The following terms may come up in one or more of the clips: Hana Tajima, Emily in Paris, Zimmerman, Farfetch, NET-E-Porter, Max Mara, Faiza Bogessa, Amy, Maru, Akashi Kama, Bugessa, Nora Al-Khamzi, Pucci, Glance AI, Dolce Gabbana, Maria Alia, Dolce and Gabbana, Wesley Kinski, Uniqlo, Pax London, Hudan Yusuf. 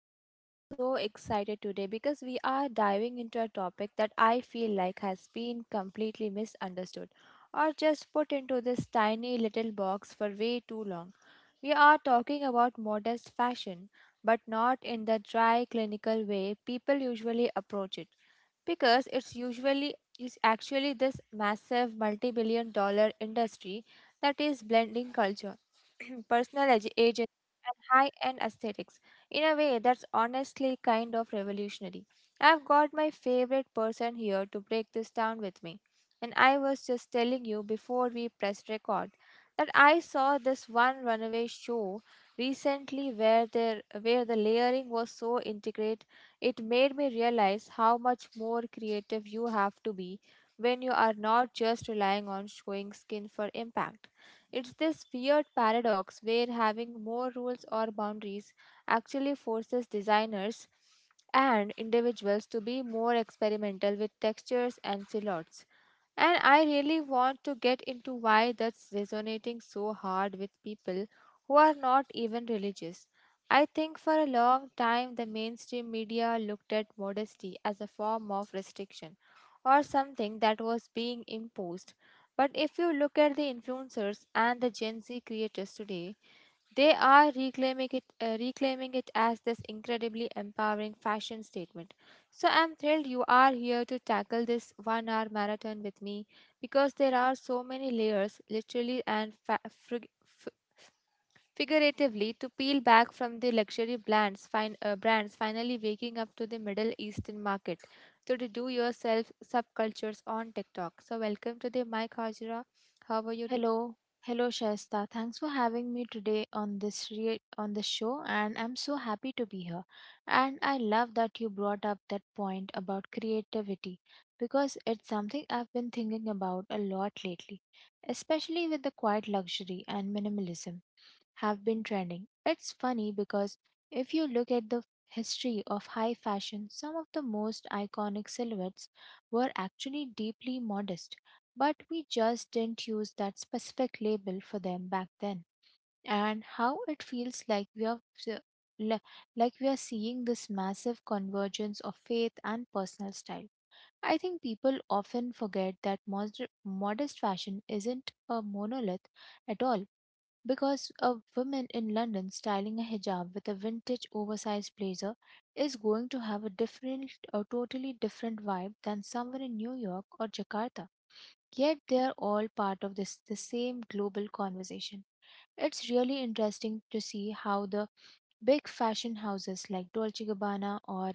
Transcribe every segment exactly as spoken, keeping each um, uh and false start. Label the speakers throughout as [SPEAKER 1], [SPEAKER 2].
[SPEAKER 1] I'm honestly so excited today because we are diving into a topic that I feel like has been completely misunderstood or just put into this tiny little box for way too long. We are talking about modest fashion, but not in the dry, clinical way people usually approach it because it's usually is actually this massive multi-billion dollar industry that is blending culture personal ag- agents, and high end aesthetics. In a way, that's honestly kind of revolutionary. I've got my favorite person here to break this down with me. And I was just telling you before we pressed record that I saw this one runaway show recently where there where the layering was so intricate it made me realize how much more creative you have to be when you are not just relying on showing skin for impact. It's this weird paradox where having more rules or boundaries actually forces designers and individuals to be more experimental with textures and silhouettes. And I really want to get into why that's resonating so hard with people who are not even religious. I think for a long time the mainstream media looked at modesty as a form of restriction or something that was being imposed. But if you look at the influencers and the Gen Z creators today, they are reclaiming it, uh, reclaiming it as this incredibly empowering fashion statement. So I'm thrilled you are here to tackle this one hour marathon with me because there are so many layers, literally and fa- figuratively, to peel back, from the luxury brands, fin- uh, brands finally waking up to the Middle Eastern market, So, to the do-yourself subcultures on TikTok. So, welcome to the Mike Hajra. How are you?
[SPEAKER 2] Hello, hello Shaista. Thanks for having me today on this re- on this show, and I'm so happy to be here. And I love that you brought up that point about creativity, because it's something I've been thinking about a lot lately, especially with the quiet luxury and minimalism have been trending. It's funny because if you look at the history of high fashion, some of the most iconic silhouettes were actually deeply modest, but we just didn't use that specific label for them back then. And how it feels like we are s- le- like we are seeing this massive convergence of faith and personal style. I think people often forget that mod- modest fashion isn't a monolith at all. Because a woman in London styling a hijab with a vintage oversized blazer is going to have a different, a totally different vibe than someone in New York or Jakarta. Yet they're all part of this the same global conversation. It's really interesting to see how the big fashion houses like Dolce Gabbana or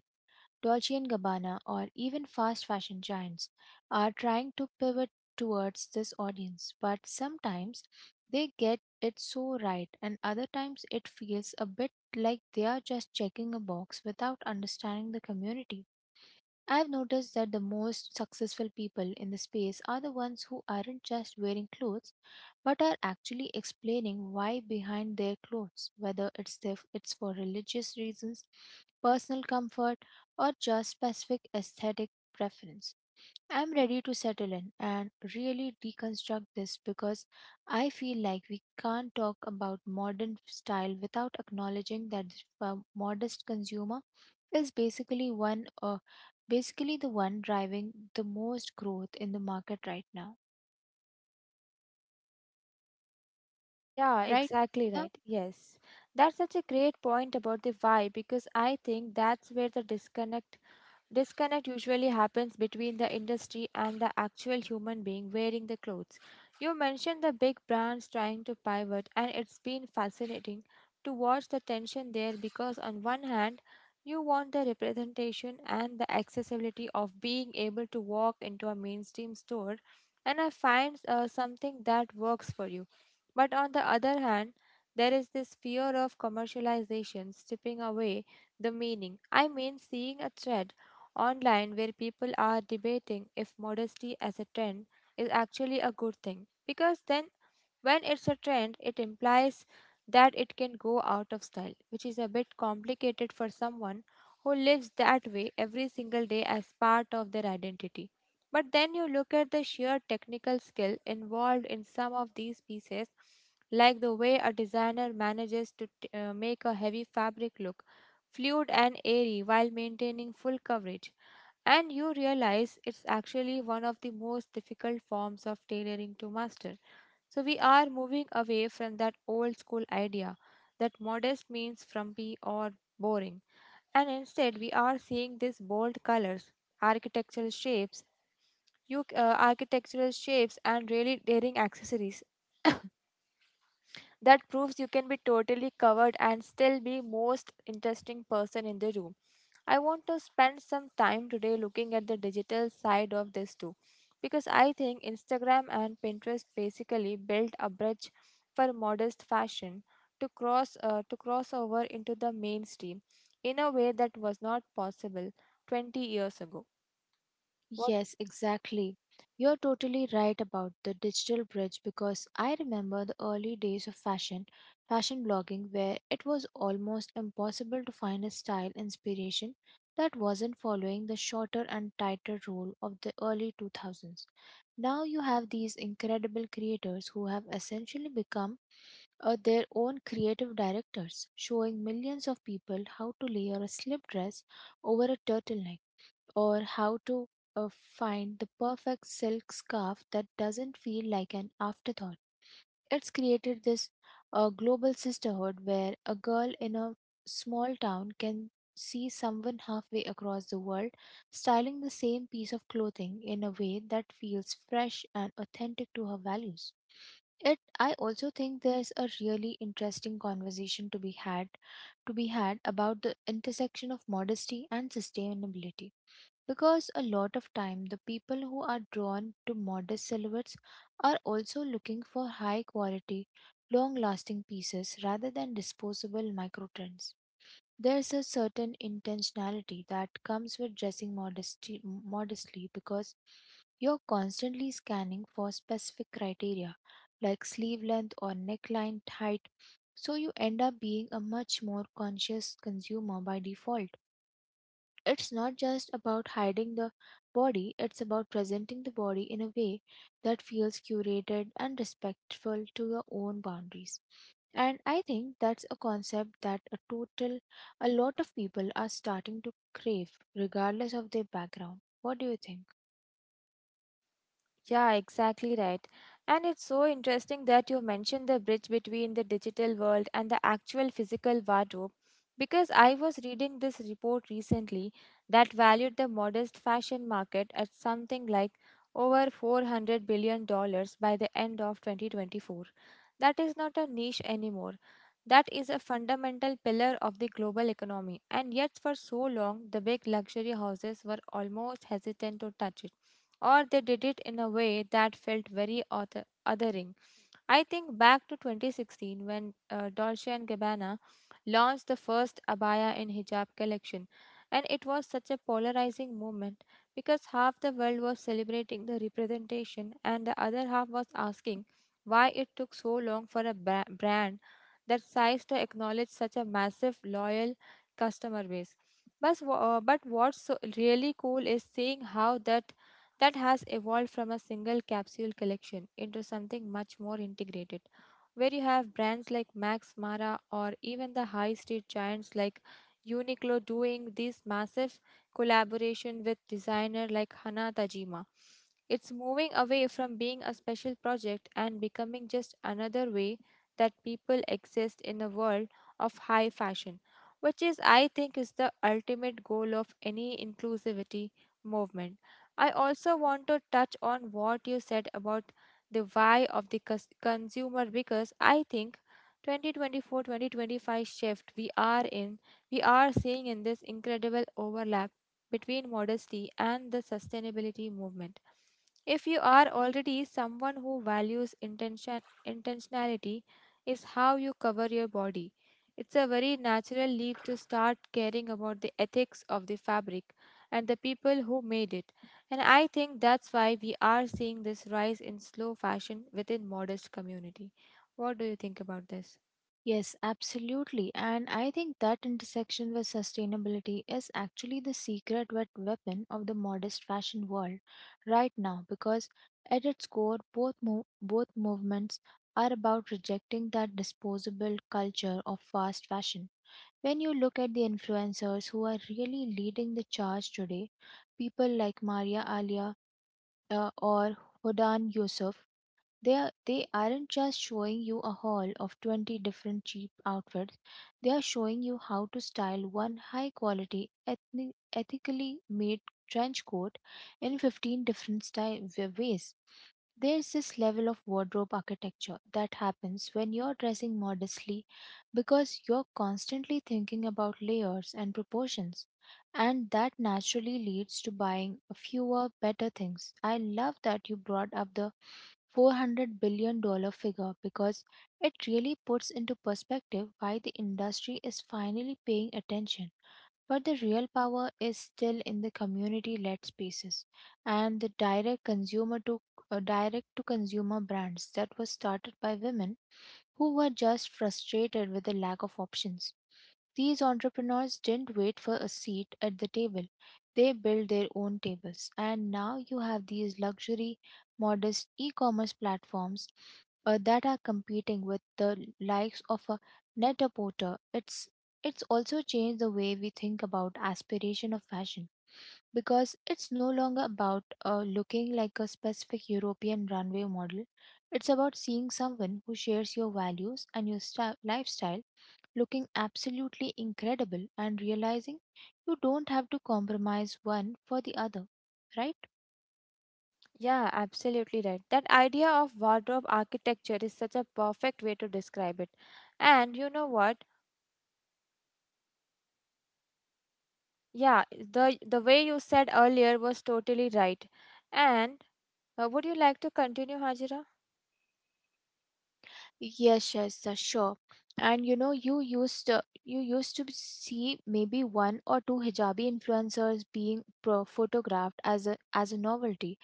[SPEAKER 2] Dolce& and Gabbana, or even fast fashion giants are trying to pivot towards this audience, but sometimes they get it so right, and other times it feels a bit like they are just checking a box without understanding the community. I've noticed that the most successful people in the space are the ones who aren't just wearing clothes, but are actually explaining why behind their clothes, whether it's if it's for religious reasons, personal comfort, or just specific aesthetic preference. I'm ready to settle in and really deconstruct this, because I feel like we can't talk about modern style without acknowledging that the uh, modest consumer is basically one uh, basically the one driving the most growth in the market right now,
[SPEAKER 1] Yeah,
[SPEAKER 2] right?
[SPEAKER 1] exactly
[SPEAKER 2] Lisa?
[SPEAKER 1] right. Yes. That's such a great point about the why, because I think that's where the disconnect disconnect usually happens between the industry and the actual human being wearing the clothes. You mentioned the big brands trying to pivot, and it's been fascinating to watch the tension there because, on one hand, you want the representation and the accessibility of being able to walk into a mainstream store and I find uh, something that works for you. But on the other hand, there is this fear of commercialization stripping away the meaning. I mean, seeing a thread online where people are debating if modesty as a trend is actually a good thing, because then when it's a trend, it implies that it can go out of style, which is a bit complicated for someone who lives that way every single day as part of their identity. But then you look at the sheer technical skill involved in some of these pieces, like the way a designer manages to t- uh, make a heavy fabric look fluid and airy while maintaining full coverage. And you realize it's actually one of the most difficult forms of tailoring to master. So we are moving away from that old school idea that modest means frumpy or boring. And instead, we are seeing these bold colors, architectural shapes, you, uh, architectural shapes, and really daring accessories that proves you can be totally covered and still be most interesting person in the room. I want to spend some time today looking at the digital side of this too, because I think Instagram and Pinterest basically built a bridge for modest fashion to cross uh, to cross over into the mainstream in a way that was not possible twenty years ago.
[SPEAKER 2] Yes, exactly. You're totally right about the digital bridge, because I remember the early days of fashion, fashion blogging, where it was almost impossible to find a style inspiration that wasn't following the shorter and tighter rule of the early two thousands. Now you have these incredible creators who have essentially become uh, their own creative directors, showing millions of people how to layer a slip dress over a turtleneck, or how to uh, find the perfect silk scarf that doesn't feel like an afterthought. It's created this uh, global sisterhood where a girl in a small town can see someone halfway across the world styling the same piece of clothing in a way that feels fresh and authentic to her values. It I also think there's a really interesting conversation to be had to be had about the intersection of modesty and sustainability, because a lot of time the people who are drawn to modest silhouettes are also looking for high quality, long lasting pieces rather than disposable micro trends. There's a certain intentionality that comes with dressing modesty, modestly, because you're constantly scanning for specific criteria like sleeve length or neckline height, so you end up being a much more conscious consumer by default. It's not just about hiding the body, it's about presenting the body in a way that feels curated and respectful to your own boundaries. And I think that's a concept that a total a lot of people are starting to crave regardless of their background. What do you think?
[SPEAKER 1] Yeah, exactly right. And it's so interesting that you mentioned the bridge between the digital world and the actual physical wardrobe, because I was reading this report recently that valued the modest fashion market at something like over four hundred billion dollars by the end of twenty twenty-four. That is not a niche anymore. That is a fundamental pillar of the global economy, and yet for so long the big luxury houses were almost hesitant to touch it or they did it in a way that felt very other- othering. I think back to twenty sixteen when uh, Dolce and Gabbana launched the first abaya and hijab collection, and it was such a polarizing moment because half the world was celebrating the representation and the other half was asking why it took so long for a ba- brand that size to acknowledge such a massive loyal customer base. But, uh, but what's so really cool is seeing how that that has evolved from a single capsule collection into something much more integrated, where you have brands like Max Mara or even the high street giants like Uniqlo doing these massive collaboration with designer like Hana Tajima. It's moving away from being a special project and becoming just another way that people exist in a world of high fashion, which is I think is the ultimate goal of any inclusivity movement. I also want to touch on what you said about the why of the cus- consumer, because I think twenty twenty-four twenty twenty-five shift we are in, we are seeing in this incredible overlap between modesty and the sustainability movement. If you are already someone who values intention, intentionality, is how you cover your body. It's a very natural leap to start caring about the ethics of the fabric and the people who made it. And I think that's why we are seeing this rise in slow fashion within modest community. What do you think about this?
[SPEAKER 2] Yes, absolutely. And I think that intersection with sustainability is actually the secret wet weapon of the modest fashion world right now, because at its core both mov- both movements are about rejecting that disposable culture of fast fashion. When you look at the influencers who are really leading the charge today, people like Maria Alia uh, or Hudan Yusuf, they are, they aren't just showing you a haul of twenty different cheap outfits. They are showing you how to style one high quality ethnic, ethically made trench coat in fifteen different style ways. There's this level of wardrobe architecture that happens when you're dressing modestly, because you're constantly thinking about layers and proportions, and that naturally leads to buying fewer, better things. I love that you brought up the four hundred billion dollar figure, because it really puts into perspective why the industry is finally paying attention. But the real power is still in the community led spaces and the direct consumer to uh, direct to consumer brands that were started by women who were just frustrated with the lack of options. These entrepreneurs didn't wait for a seat at the table. They built their own tables. And now you have these luxury, modest e commerce platforms uh, that are competing with the likes of a net a porter. It's it's also changed the way we think about aspiration of fashion, because it's no longer about uh, looking like a specific european runway model. It's about seeing someone who shares your values and your sta- lifestyle, looking absolutely incredible and realizing you don't have to compromise one for the other, right?
[SPEAKER 1] Yeah, absolutely right. That idea of wardrobe architecture is such a perfect way to describe it. And you know what? Yeah, the the way you said earlier was totally right. And uh, would you like to continue, Hajira?
[SPEAKER 2] Yes, yes, uh, sure. And you know, you used to, you used to see maybe one or two hijabi influencers being pro- photographed as a as a novelty,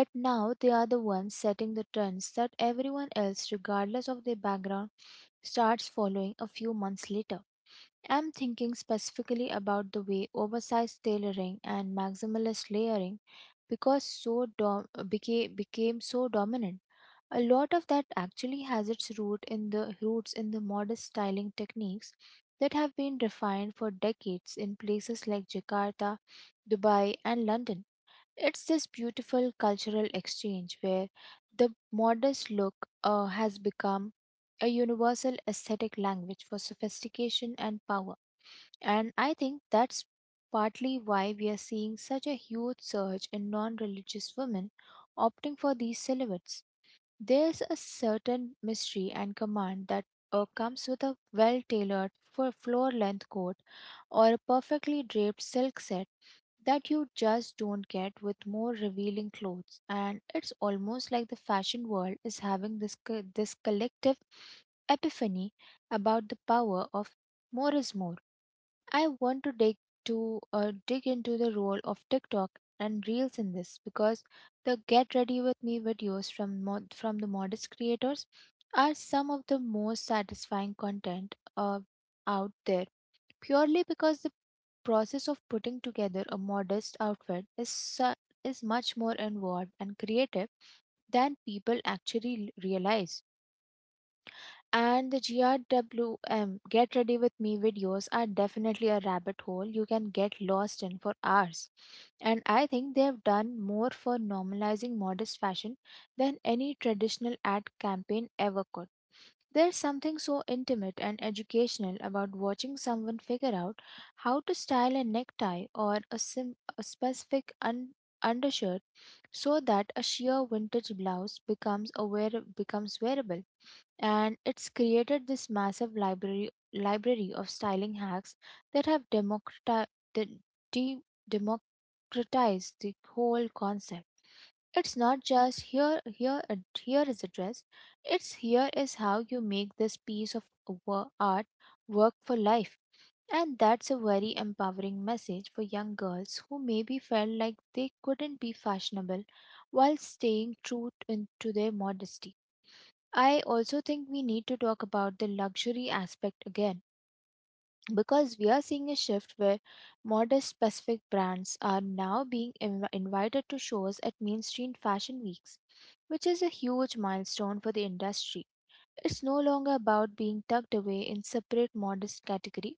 [SPEAKER 2] but now they are the ones setting the trends that everyone else, regardless of their background, starts following a few months later. I'm thinking specifically about the way oversized tailoring and maximalist layering, because so dom- became, became so dominant. A lot of that actually has its root in the roots in the modest styling techniques that have been refined for decades in places like Jakarta, Dubai, and London. It's this beautiful cultural exchange where the modest look uh, has become a universal aesthetic language for sophistication and power. And I think that's partly why we are seeing such a huge surge in non religious women opting for these silhouettes. There's a certain mystery and command that uh, comes with a well tailored for floor length coat, or a perfectly draped silk set, that you just don't get with more revealing clothes. And it's almost like the fashion world is having this co- this collective epiphany about the power of more is more. I want to dig to uh, dig into the role of TikTok and Reels in this, because the Get Ready With Me videos from mod- from the modest creators are some of the most satisfying content uh, out there. Purely because the process of putting together a modest outfit is su- is much more involved and creative than people actually l- realize. And the G R W M Get Ready With Me videos are definitely a rabbit hole you can get lost in for hours. And I think they have done more for normalizing modest fashion than any traditional ad campaign ever could. There's something so intimate and educational about watching someone figure out how to style a necktie or a, sim- a specific un- undershirt so that a sheer vintage blouse becomes a wear- becomes wearable. And it's created this massive library library of styling hacks that have democrati- de- de- democratized the whole concept. It's not just here here and here is a dress. It's here is how you make this piece of wo- art work for life. And that's a very empowering message for young girls who maybe felt like they couldn't be fashionable while staying true t- in- to their modesty. I also think we need to talk about the luxury aspect again, because we are seeing a shift where modest specific brands are now being inv- invited to shows at mainstream fashion weeks, which is a huge milestone for the industry. It's no longer about being tucked away in separate modest category.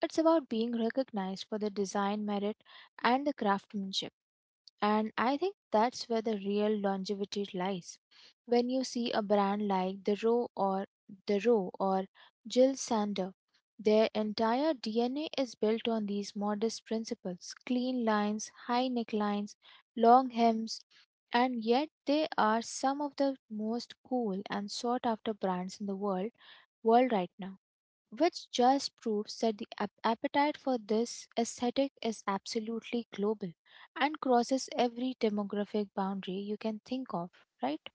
[SPEAKER 2] It's about being recognized for the design merit and the craftsmanship. And I think that's where the real longevity lies. When you see a brand like The Row or The Row or Jill Sander, their entire D N A is built on these modest principles, clean lines, high necklines, long hems, and yet they are some of the most cool and sought after brands in the world world right now, which just proves that the ap- appetite for this aesthetic is absolutely global and crosses every demographic boundary you can think of, right?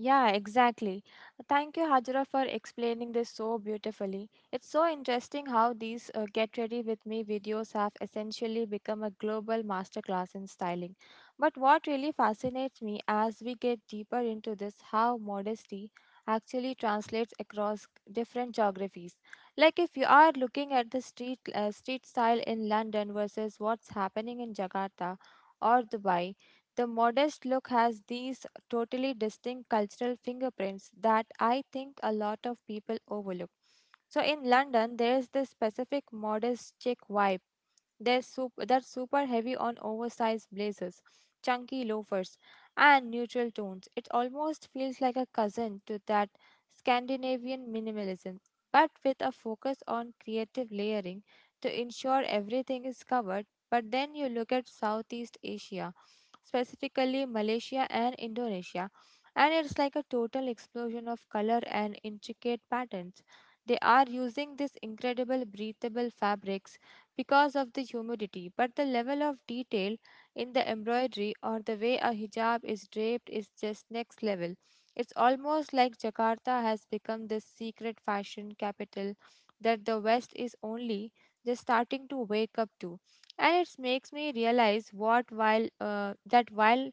[SPEAKER 1] Yeah, exactly. Thank you, Hajra, for explaining this so beautifully. It's so interesting how these uh, Get Ready With Me videos have essentially become a global masterclass in styling. But what really fascinates me as we get deeper into this, how modesty actually translates across different geographies. Like if you are looking at the street uh, street style in London versus what's happening in Jakarta or Dubai, the modest look has these totally distinct cultural fingerprints that I think a lot of people overlook. So in London, there is this specific modest chic vibe, they're, sup- they're super heavy on oversized blazers, chunky loafers, and neutral tones. It almost feels like a cousin to that Scandinavian minimalism, but with a focus on creative layering to ensure everything is covered. But then you look at Southeast Asia, specifically Malaysia and Indonesia, and it's like a total explosion of color and intricate patterns. They are using these incredible breathable fabrics because of the humidity, but the level of detail in the embroidery or the way a hijab is draped is just next level. It's almost like Jakarta has become this secret fashion capital that the West is only just starting to wake up to. And it makes me realize what while uh, that while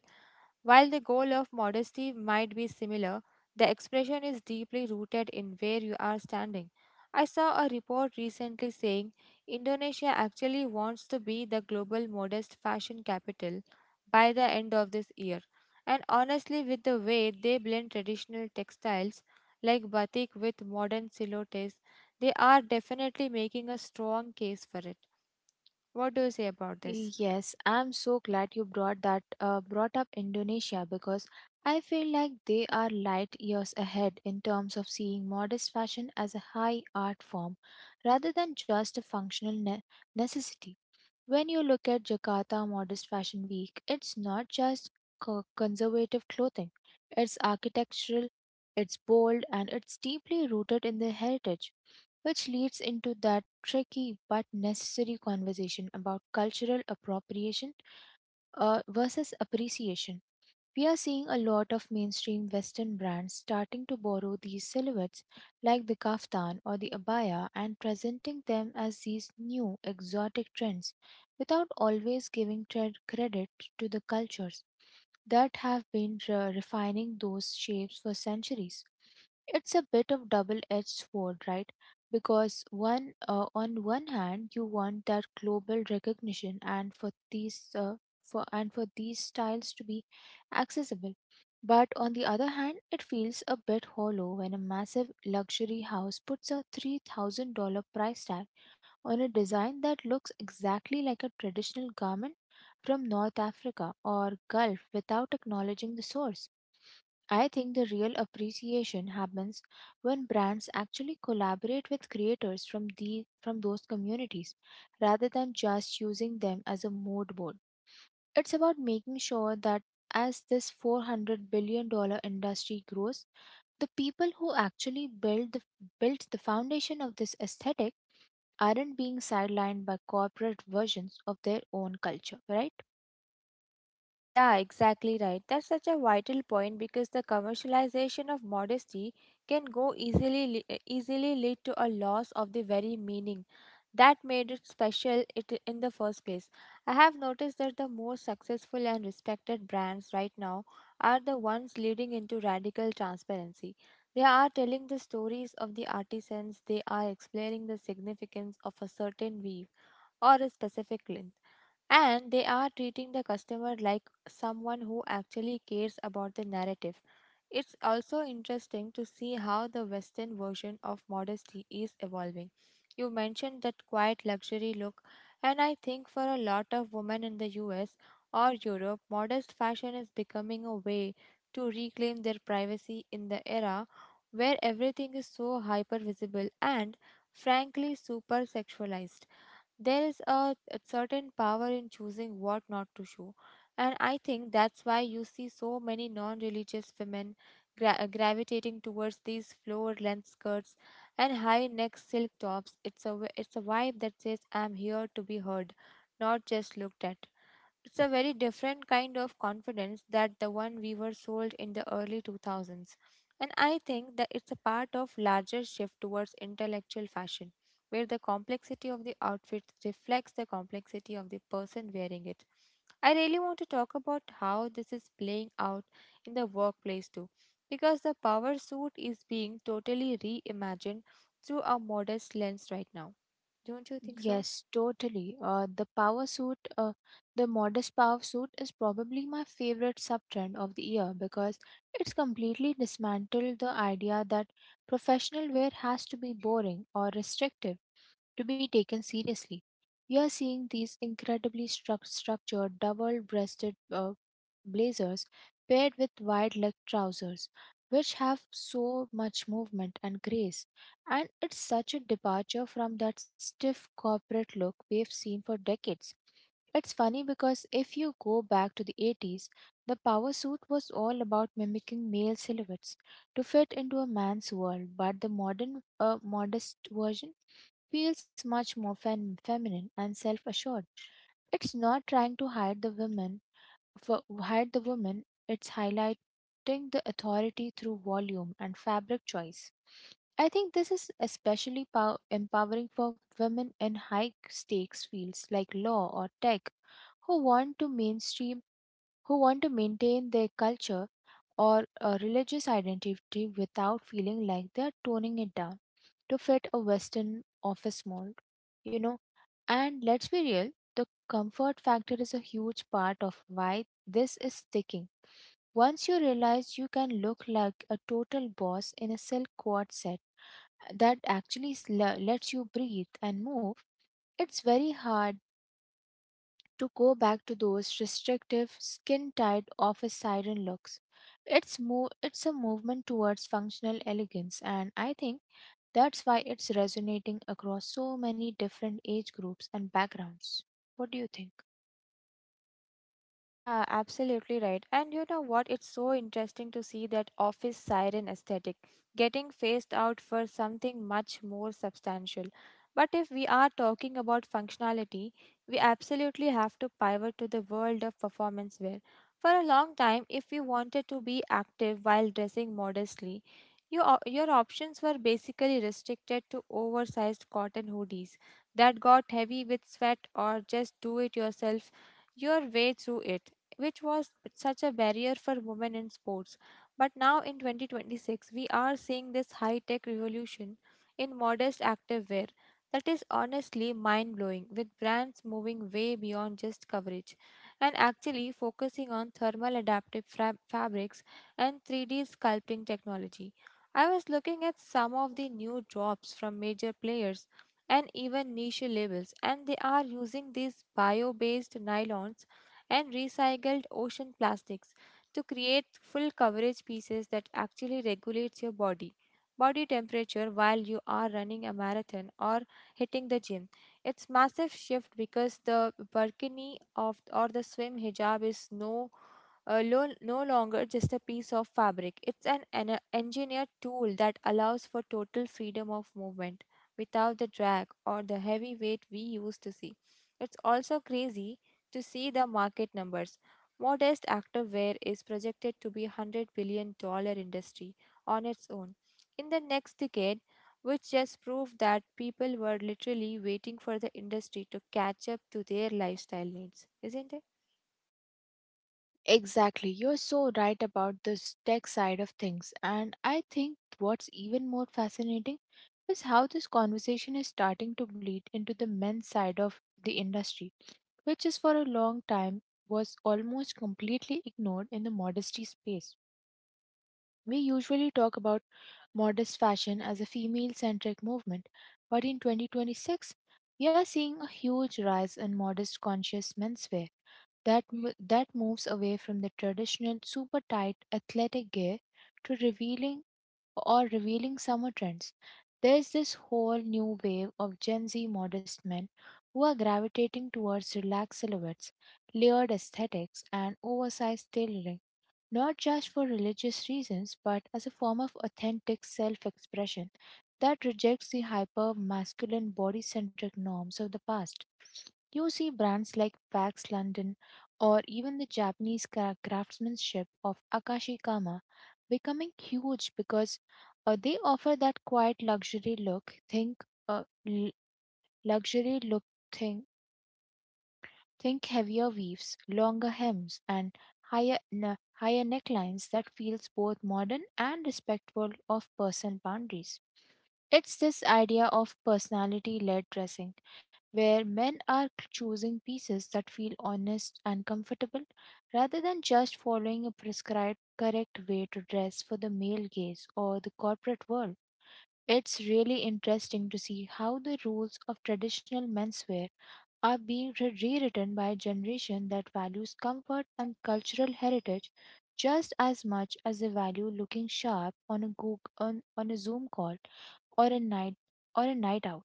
[SPEAKER 1] while the goal of modesty might be similar, the expression is deeply rooted in where you are standing. I saw a report recently saying Indonesia actually wants to be the global modest fashion capital by the end of this year. And honestly, with the way they blend traditional textiles like batik with modern silhouettes, they are definitely making a strong case for it. What do you say about this?
[SPEAKER 2] Yes, I'm so glad you brought that uh, brought up Indonesia, because I feel like they are light years ahead in terms of seeing modest fashion as a high art form rather than just a functional ne- necessity. When you look at Jakarta Modest Fashion Week, it's not just co- conservative clothing, it's architectural, it's bold, and it's deeply rooted in their heritage, which leads into that tricky but necessary conversation about cultural appropriation uh, versus appreciation. We are seeing a lot of mainstream Western brands starting to borrow these silhouettes, like the kaftan or the abaya, and presenting them as these new exotic trends without always giving tre- credit to the cultures that have been re- refining those shapes for centuries. It's a bit of double-edged sword, right? Because one, uh, on one hand, you want that global recognition, and for these, uh, for and for these styles to be accessible, but on the other hand, it feels a bit hollow when a massive luxury house puts a three thousand dollar price tag on a design that looks exactly like a traditional garment from North Africa or Gulf without acknowledging the source. I think the real appreciation happens when brands actually collaborate with creators from the from those communities rather than just using them as a mood board. It's about making sure that as this four hundred billion dollar industry grows, the people who actually build the, built the foundation of this aesthetic aren't being sidelined by corporate versions of their own culture, right?
[SPEAKER 1] Yeah, exactly right. That's such a vital point, because the commercialization of modesty can go easily le- easily lead to a loss of the very meaning that made it special it in the first place. I have noticed that the more successful and respected brands right now are the ones leading into radical transparency. They are telling the stories of the artisans, they are explaining the significance of a certain weave or a specific length, and they are treating the customer like someone who actually cares about the narrative. It's also interesting to see how the Western version of modesty is evolving. You mentioned that quiet luxury look, and I think for a lot of women in the U S or Europe, modest fashion is becoming a way to reclaim their privacy in the era where everything is so hyper visible and frankly super sexualized. There is a, a certain power in choosing what not to show. And I think that's why you see so many non religious women gra- uh, gravitating towards these floor length skirts and high neck silk tops. It's a, w- it's a vibe that says, I'm here to be heard, not just looked at. It's a very different kind of confidence that the one we were sold in the early two thousands. And I think that it's a part of larger shift towards intellectual fashion, where the complexity of the outfit reflects the complexity of the person wearing it. I really want to talk about how this is playing out in the workplace too, because the power suit is being totally reimagined through a modest lens right now. Don't you think so?
[SPEAKER 2] Yes, totally. Uh, the power suit, uh, the modest power suit is probably my favorite sub-trend of the year because it's completely dismantled the idea that professional wear has to be boring or restrictive to be taken seriously. You are seeing these incredibly struc- structured double breasted uh, blazers paired with wide leg trousers, which have so much movement and grace. And it's such a departure from that stiff corporate look we've seen for decades. It's funny because if you go back to the eighties, the power suit was all about mimicking male silhouettes to fit into a man's world, but the modern, uh, modest version feels much more fem- feminine and self-assured. It's not trying to hide the women, for, hide the woman. It's highlighting the authority through volume and fabric choice. I think this is especially pow- empowering for women in high-stakes fields like law or tech, who want to mainstream, who want to maintain their culture or a religious identity without feeling like they are toning it down to fit a Western office mold. You know, and let's be real, the comfort factor is a huge part of why this is sticking. Once you realize you can look like a total boss in a silk quad set uh, that actually sl- lets you breathe and move, it's very hard to go back to those restrictive, skin-tight office siren looks. It's mo- it's a movement towards functional elegance, and I think that's why it's resonating across so many different age groups and backgrounds. What do you think?
[SPEAKER 1] Yeah, absolutely right. And you know what? It's so interesting to see that office siren aesthetic getting phased out for something much more substantial. But if we are talking about functionality, we absolutely have to pivot to the world of performance wear. For a long time, if you wanted to be active while dressing modestly, you, o- your options were basically restricted to oversized cotton hoodies that got heavy with sweat, or just do it yourself your way through it, which was such a barrier for women in sports. But now in twenty twenty-six, we are seeing this high tech revolution in modest activewear that is honestly mind blowing, with brands moving way beyond just coverage and actually focusing on thermal adaptive fra- fabrics and three D sculpting technology. I was looking at some of the new drops from major players and even niche labels, and they are using these bio based nylons and recycled ocean plastics to create full coverage pieces that actually regulates your body body temperature while you are running a marathon or hitting the gym. It's massive shift because the burkini of or the swim hijab is no uh, lo- no longer just a piece of fabric. It's an, an engineered tool that allows for total freedom of movement without the drag or the heavy weight we used to see. It's also crazy to see the market numbers. Modest activewear is projected to be a one hundred billion dollar industry on its own in the next decade, which just proved that people were literally waiting for the industry to catch up to their lifestyle needs, isn't it?
[SPEAKER 2] Exactly. You're so right about this tech side of things. And I think what's even more fascinating is how this conversation is starting to bleed into the men's side of the industry, which is for a long time was almost completely ignored in the modesty space. We usually talk about modest fashion as a female centric movement, but in twenty twenty-six, we are seeing a huge rise in modest conscious menswear that mo- that moves away from the traditional super tight athletic gear to revealing or revealing summer trends. There's this whole new wave of Gen Z modest men who are gravitating towards relaxed silhouettes, layered aesthetics, and oversized tailoring, not just for religious reasons, but as a form of authentic self expression that rejects the hyper masculine body centric norms of the past. You see brands like Pax London or even the Japanese cra- craftsmanship of Akashi Kama, becoming huge because uh, they offer that quiet luxury look. Think uh, l- luxury look thing. Think heavier weaves, longer hems, and higher ne- higher necklines that feels both modern and respectful of personal boundaries. It's this idea of personality led dressing, where men are c- choosing pieces that feel honest and comfortable rather than just following a prescribed correct way to dress for the male gaze or the corporate world. It's really interesting to see how the rules of traditional menswear are being re- rewritten by a generation that values comfort and cultural heritage just as much as they value looking sharp on a, Goog- on, on a Zoom call or a night or a night out.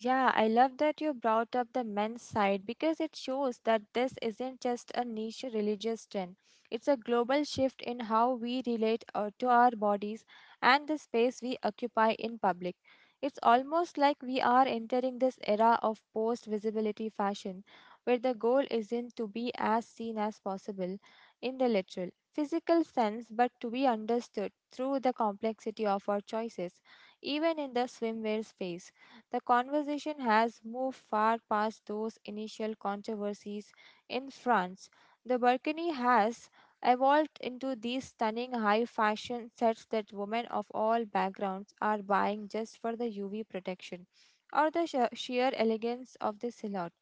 [SPEAKER 1] Yeah, I love that you brought up the men's side because it shows that this isn't just a niche religious trend. It's a global shift in how we relate uh, to our bodies and the space we occupy in public. It's almost like we are entering this era of post visibility fashion where the goal isn't to be as seen as possible in the literal, physical sense, but to be understood through the complexity of our choices, even in the swimwear space. The conversation has moved far past those initial controversies in France. The burkini has evolved into these stunning high fashion sets that women of all backgrounds are buying just for the U V protection or the sh- sheer elegance of the silhouette.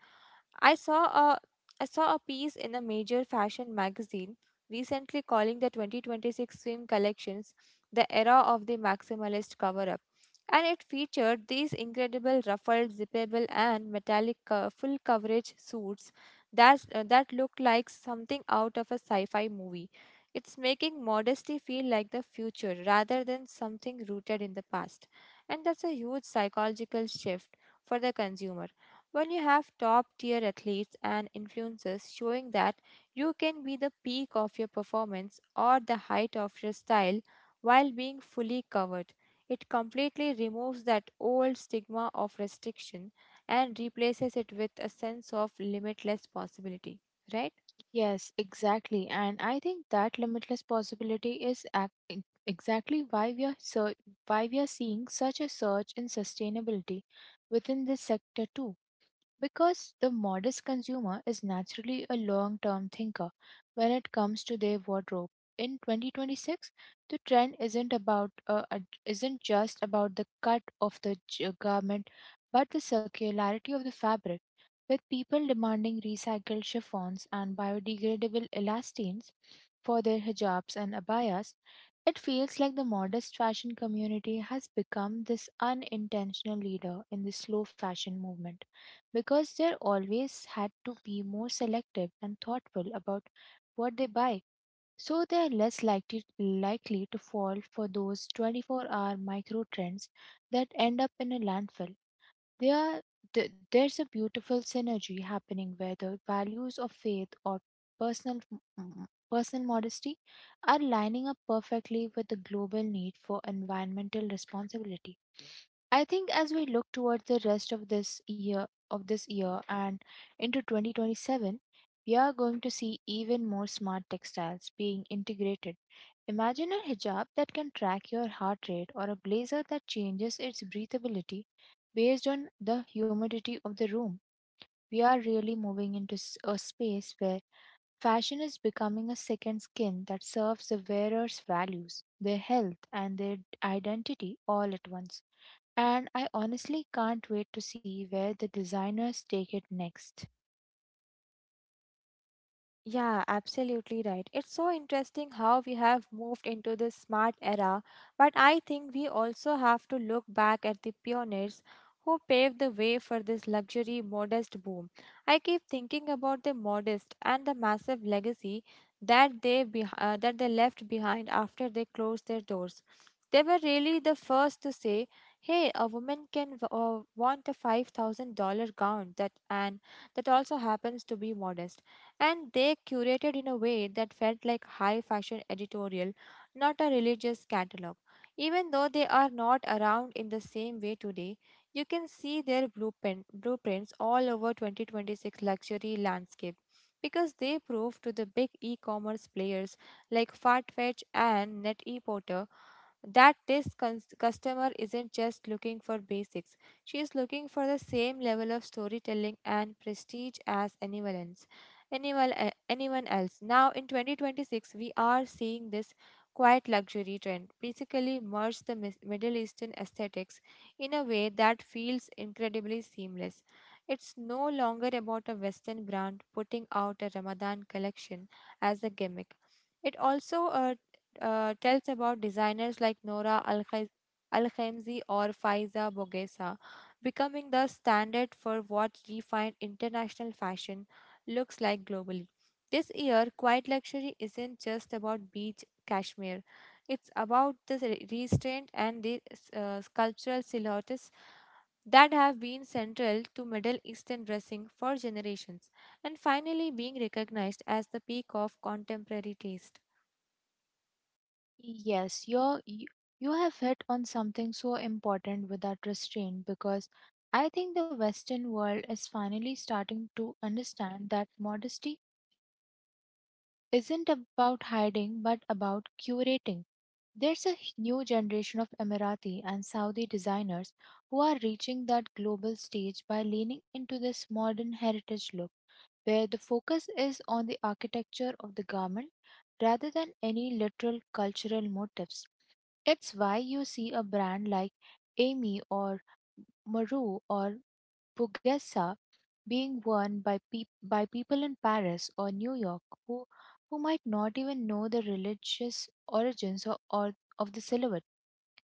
[SPEAKER 1] I saw a I saw a piece in a major fashion magazine recently calling the twenty twenty-six swim collections the era of the maximalist cover up, and it featured these incredible ruffled, zippable, and metallic co- full coverage suits that, uh, that looked like something out of a sci fi movie. It's making modesty feel like the future rather than something rooted in the past. And that's a huge psychological shift for the consumer. When you have top tier athletes and influencers showing that you can be the peak of your performance or the height of your style while being fully covered, it completely removes that old stigma of restriction and replaces it with a sense of limitless possibility, right?
[SPEAKER 2] Yes, exactly. And I think that limitless possibility is ac- e- exactly why we are ser- why we are seeing such a surge in sustainability within this sector too. Because the modest consumer is naturally a long term thinker when it comes to their wardrobe. In twenty twenty-six, the trend isn't about uh, uh, isn't just about the cut of the j- garment, but the circularity of the fabric. With people demanding recycled chiffons and biodegradable elastines for their hijabs and abayas, it feels like the modest fashion community has become this unintentional leader in the slow fashion movement because they're always had to be more selective and thoughtful about what they buy. So they are less likely likely to fall for those twenty-four-hour micro trends that end up in a landfill. They are, th- there's a beautiful synergy happening where the values of faith or personal m- personal modesty are lining up perfectly with the global need for environmental responsibility. I think as we look toward the rest of this year of this year and into twenty twenty-seven, we are going to see even more smart textiles being integrated. Imagine a hijab that can track your heart rate or a blazer that changes its breathability based on the humidity of the room. We are really moving into s- a space where fashion is becoming a second skin that serves the wearer's values, their health, and their identity all at once. And I honestly can't wait to see where the designers take it next.
[SPEAKER 1] Yeah, absolutely right. It's so interesting how we have moved into this smart era, but I think we also have to look back at the pioneers who paved the way for this luxury modest boom. I keep thinking about the modest and the massive legacy that they beh uh, that they left behind after they closed their doors. They were really the first to say, "Hey, a woman can w- uh, want a five thousand dollars gown that and that also happens to be modest," and they curated in a way that felt like high fashion editorial, not a religious catalog. Even though they are not around in the same way today, you can see their blueprint, blueprints all over twenty twenty-six luxury landscape, because they prove to the big e-commerce players like Farfetch and NET-E-Porter that this cons- customer isn't just looking for basics. She is looking for the same level of storytelling and prestige as anyone else. Anyone, e- anyone else. Now, in twenty twenty-six, we are seeing this quiet luxury trend basically merge the mis- Middle Eastern aesthetics in a way that feels incredibly seamless. It's no longer about a Western brand putting out a Ramadan collection as a gimmick. It also uh, uh, tells about designers like Nora Al-Khaz- Al-Khamzi or Faiza Bogessa, becoming the standard for what refined international fashion looks like globally. This year, quiet luxury isn't just about beach cashmere. It's about the re- restraint and the uh, sculptural silhouettes that have been central to Middle Eastern dressing for generations, and finally being recognized as the peak of contemporary taste.
[SPEAKER 2] Yes, you're, you you have hit on something so important with that restraint because I think the Western world is finally starting to understand that modesty isn't about hiding but about curating. There's a h- new generation of Emirati and Saudi designers who are reaching that global stage by leaning into this modern heritage look where the focus is on the architecture of the garment rather than any literal cultural motifs. It's why you see a brand like Amy or Maru or Bugessa being worn by, peop by people in Paris or New York who, who might not even know the religious origins or, or of the silhouette.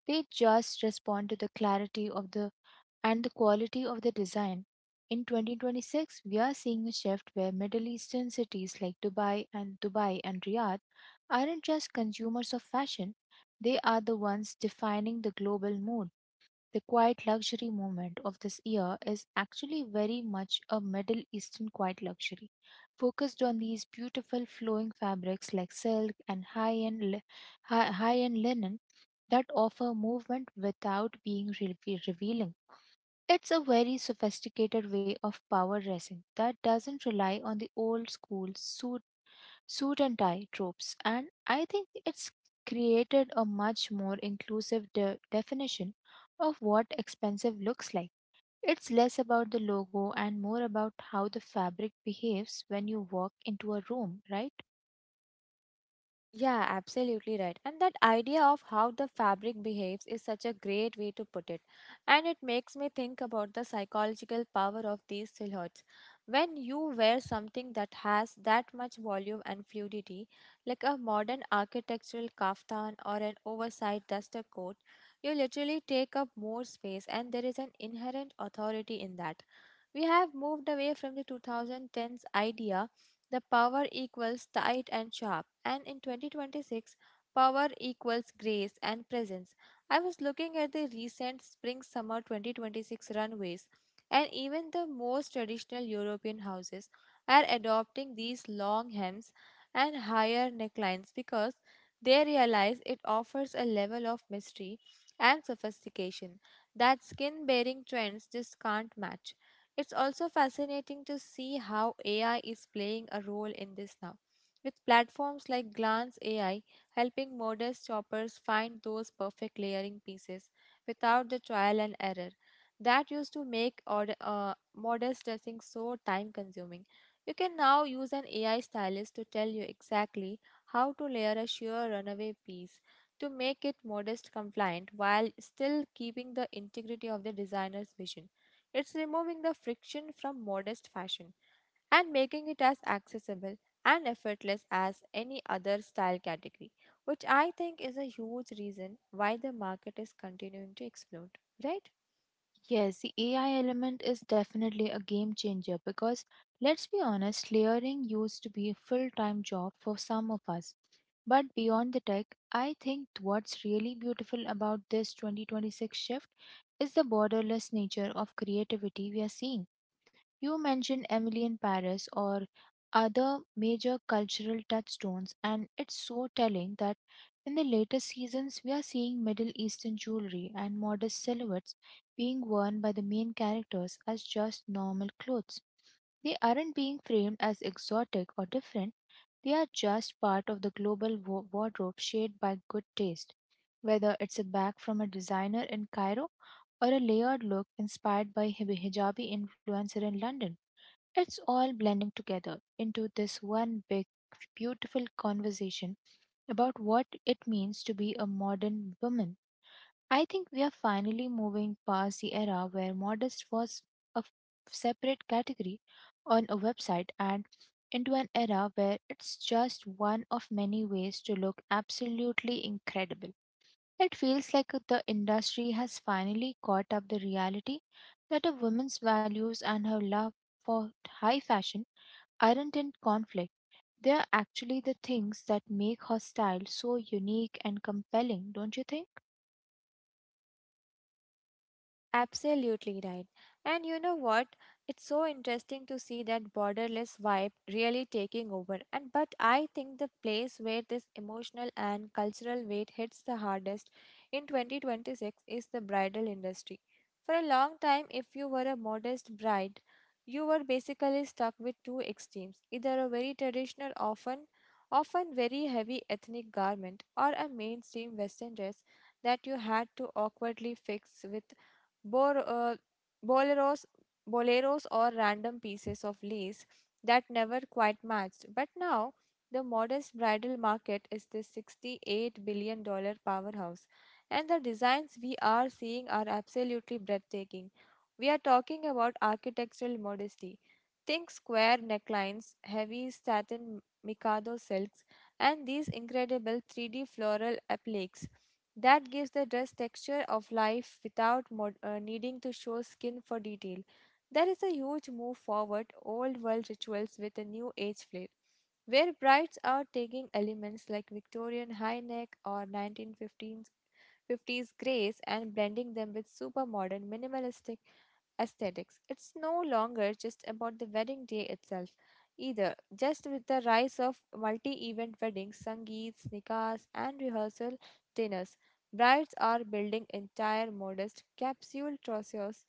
[SPEAKER 2] They just respond to the clarity of the and the quality of the design. In twenty twenty-six, we are seeing a shift where Middle Eastern cities like Dubai and Dubai and Riyadh aren't just consumers of fashion, they are the ones defining the global mood. The quiet luxury movement of this year is actually very much a Middle Eastern quiet luxury, focused on these beautiful flowing fabrics like silk and high-end li- hi- high-end linen that offer movement without being re- revealing. It's a very sophisticated way of power dressing that doesn't rely on the old school suit, suit and tie tropes, and I think it's created a much more inclusive de- definition of what expensive looks like. It's less about the logo and more about how the fabric behaves when you walk into a room, right?
[SPEAKER 1] Yeah, absolutely right. And that idea of how the fabric behaves is such a great way to put it. And it makes me think about the psychological power of these silhouettes. When you wear something that has that much volume and fluidity, like a modern architectural kaftan or an oversized duster coat, you literally take up more space, and there is an inherent authority in that. We have moved away from the two thousand tens idea the power equals tight and sharp, and in twenty twenty-six, power equals grace and presence. I was looking at the recent spring summer twenty twenty-six runways, and even the most traditional European houses are adopting these long hems and higher necklines because they realize it offers a level of mystery and sophistication that skin bearing trends just can't match. It's also fascinating to see how A I is playing a role in this now, with platforms like Glance A I helping modest shoppers find those perfect layering pieces without the trial and error that used to make order, uh, modest dressing so time consuming. You can now use an A I stylist to tell you exactly how to layer a sheer runaway piece to make it modest compliant while still keeping the integrity of the designer's vision. It's removing the friction from modest fashion and making it as accessible and effortless as any other style category, which I think is a huge reason why the market is continuing to explode, right?
[SPEAKER 2] Yes, the A I element is definitely a game changer because let's be honest, layering used to be a full time job for some of us. But beyond the tech, I think what's really beautiful about this twenty twenty-six shift is the borderless nature of creativity we are seeing. You mentioned Emily in Paris or other major cultural touchstones, and it's so telling that in the later seasons we are seeing Middle Eastern jewelry and modest silhouettes being worn by the main characters as just normal clothes. They aren't being framed as exotic or different, they are just part of the global wa- wardrobe shaped by good taste. Whether it's a bag from a designer in Cairo or a layered look inspired by hib- hijabi influencer in London. It's all blending together into this one big, beautiful conversation about what it means to be a modern woman. I think we are finally moving past the era where modest was a f- separate category on a website and into an era where it's just one of many ways to look absolutely incredible. It feels like the industry has finally caught up the reality that a woman's values and her love for high fashion aren't in conflict. They are actually the things that make her style so unique and compelling, don't you think?
[SPEAKER 1] Absolutely right. And you know what? It's so interesting to see that borderless vibe really taking over. And but I think the place where this emotional and cultural weight hits the hardest in twenty twenty-six is the bridal industry. For a long time, if you were a modest bride, you were basically stuck with two extremes, either a very traditional, often often very heavy ethnic garment, or a mainstream western dress that you had to awkwardly fix with bor- uh, boleros, boleros or random pieces of lace that never quite matched. But now, the modest bridal market is this sixty-eight billion dollar powerhouse, and the designs we are seeing are absolutely breathtaking. We are talking about architectural modesty. Think square necklines, heavy satin mikado silks, and these incredible three D floral appliques. That gives the dress texture of life without mod- uh, needing to show skin for detail. That is a huge move forward, old world rituals with a new age flair, where brides are taking elements like Victorian high neck or nineteen fifteens fifties grace and blending them with super modern minimalistic aesthetics. It's no longer just about the wedding day itself either. Just with the rise of multi event weddings, sangeets, nikahs, and rehearsal dinners, brides are building entire modest capsule trousseaus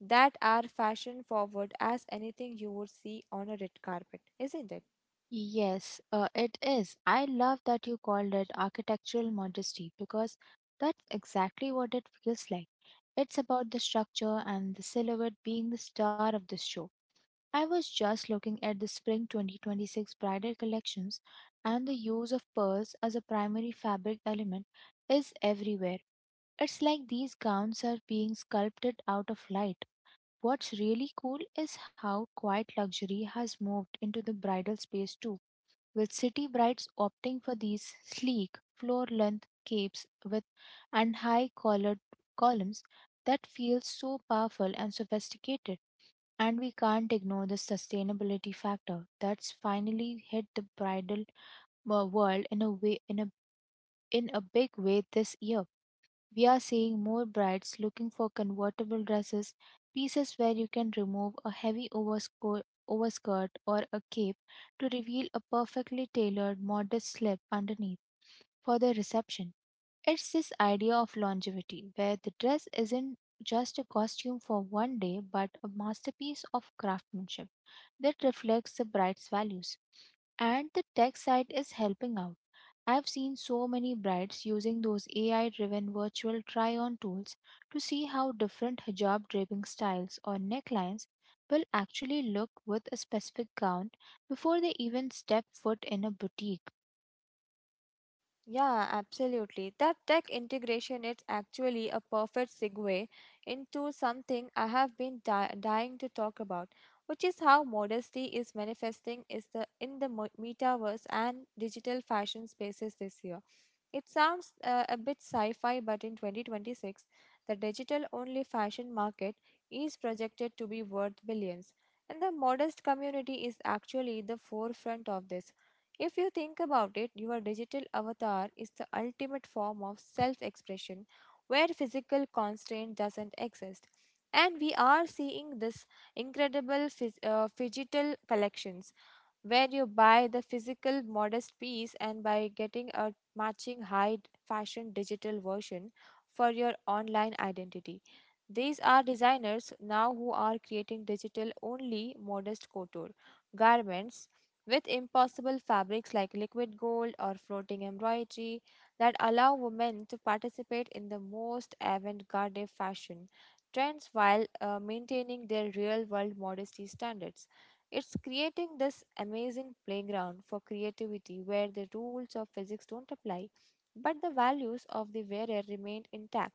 [SPEAKER 1] that are fashion forward as anything you would see on a red carpet, isn't it?
[SPEAKER 2] Yes, uh, it is. I love that you called it architectural modesty because that's exactly what it feels like. It's about the structure and the silhouette being the star of the show. I was just looking at the spring twenty twenty-six bridal collections, and the use of pearls as a primary fabric element is everywhere. It's like these gowns are being sculpted out of light. What's really cool is how quiet luxury has moved into the bridal space too, with city brides opting for these sleek, floor length capes with and high collared columns that feel so powerful and sophisticated. And we can't ignore the sustainability factor that's finally hit the bridal uh, world in a way in a in a big way this year. We are seeing more brides looking for convertible dresses, pieces where you can remove a heavy oversco- overskirt or a cape to reveal a perfectly tailored, modest slip underneath for the reception. It's this idea of longevity, where the dress isn't just a costume for one day but a masterpiece of craftsmanship that reflects the bride's values. And the tech side is helping out. I've seen so many brides using those A I driven virtual try on tools to see how different hijab draping styles or necklines will actually look with a specific gown before they even step foot in a boutique.
[SPEAKER 1] Yeah, absolutely. That tech integration is actually a perfect segue into something I have been di- dying to talk about, which is how modesty is manifesting is the in the mo- metaverse and digital fashion spaces this year. It sounds uh, a bit sci-fi, but in twenty twenty-six, the digital-only fashion market is projected to be worth billions, and the modest community is actually the forefront of this. If you think about it, your digital avatar is the ultimate form of self expression where physical constraint doesn't exist. And we are seeing this incredible phys- uh, digital collections where you buy the physical modest piece and by getting a matching high fashion digital version for your online identity. These are designers now who are creating digital only modest couture garments with impossible fabrics like liquid gold or floating embroidery that allow women to participate in the most avant-garde fashion trends while uh, maintaining their real-world modesty standards. It's creating this amazing playground for creativity where the rules of physics don't apply, but the values of the wearer remain intact.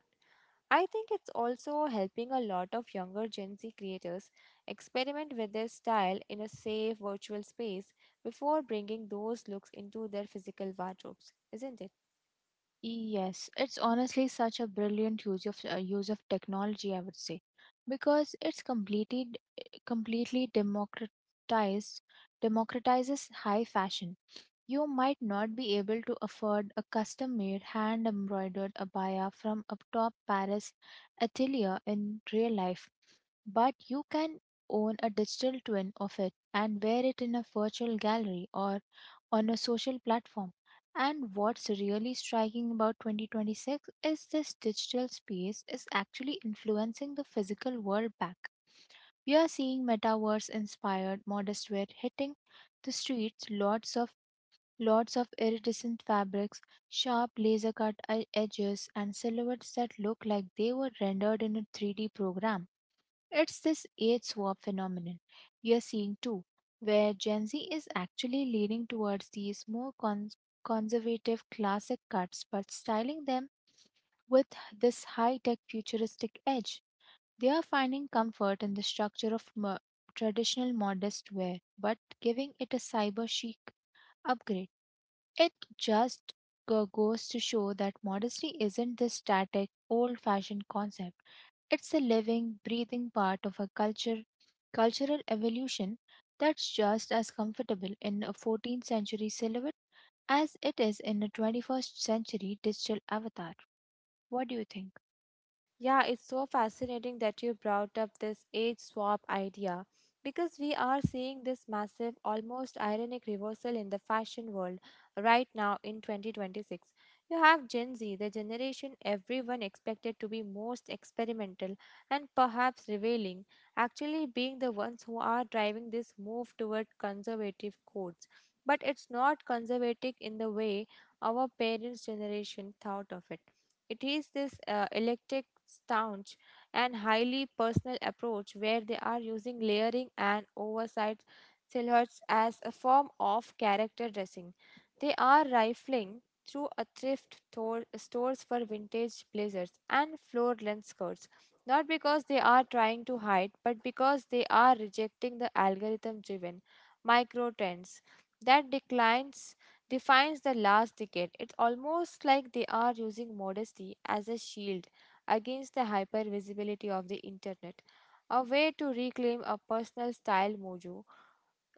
[SPEAKER 1] I think it's also helping a lot of younger Gen Z creators experiment with their style in a safe virtual space before bringing those looks into their physical wardrobes, isn't it?
[SPEAKER 2] Yes, it's honestly such a brilliant use of uh, use of technology, I would say, because it's completely completely democratized democratizes high fashion. You might not be able to afford a custom made hand embroidered abaya from a top Paris atelier in real life, but you can own a digital twin of it and wear it in a virtual gallery or on a social platform. And what's really striking about twenty twenty-six is this digital space is actually influencing the physical world back. We are seeing metaverse inspired modest wear hitting the streets, lots of lots of iridescent fabrics, sharp laser cut e-, edges, and silhouettes that look like they were rendered in a three D program. It's this age swap phenomenon we are seeing too, where Gen Z is actually leaning towards these more cons- conservative classic cuts but styling them with this high tech futuristic edge. They are finding comfort in the structure of mo- traditional modest wear but giving it a cyber chic upgrade. It just go- goes to show that modesty isn't this static, old fashioned concept. It's a living, breathing part of a culture, cultural evolution that's just as comfortable in a fourteenth century silhouette as it is in a twenty-first century digital avatar. What do you think?
[SPEAKER 1] Yeah, it's so fascinating that you brought up this age swap idea, because we are seeing this massive, almost ironic reversal in the fashion world right now in twenty twenty-six. You have Gen Z, the generation everyone expected to be most experimental and perhaps revealing, actually being the ones who are driving this move toward conservative codes. But it's not conservative in the way our parents' generation thought of it. It is this uh, electric staunch and highly personal approach where they are using layering and oversized silhouettes as a form of character dressing. They are rifling through a thrift store, stores for vintage blazers and floor-length skirts, not because they are trying to hide, but because they are rejecting the algorithm-driven micro trends that declines defines the last decade. It's almost like they are using modesty as a shield against the hyper visibility of the internet, a way to reclaim a personal style mojo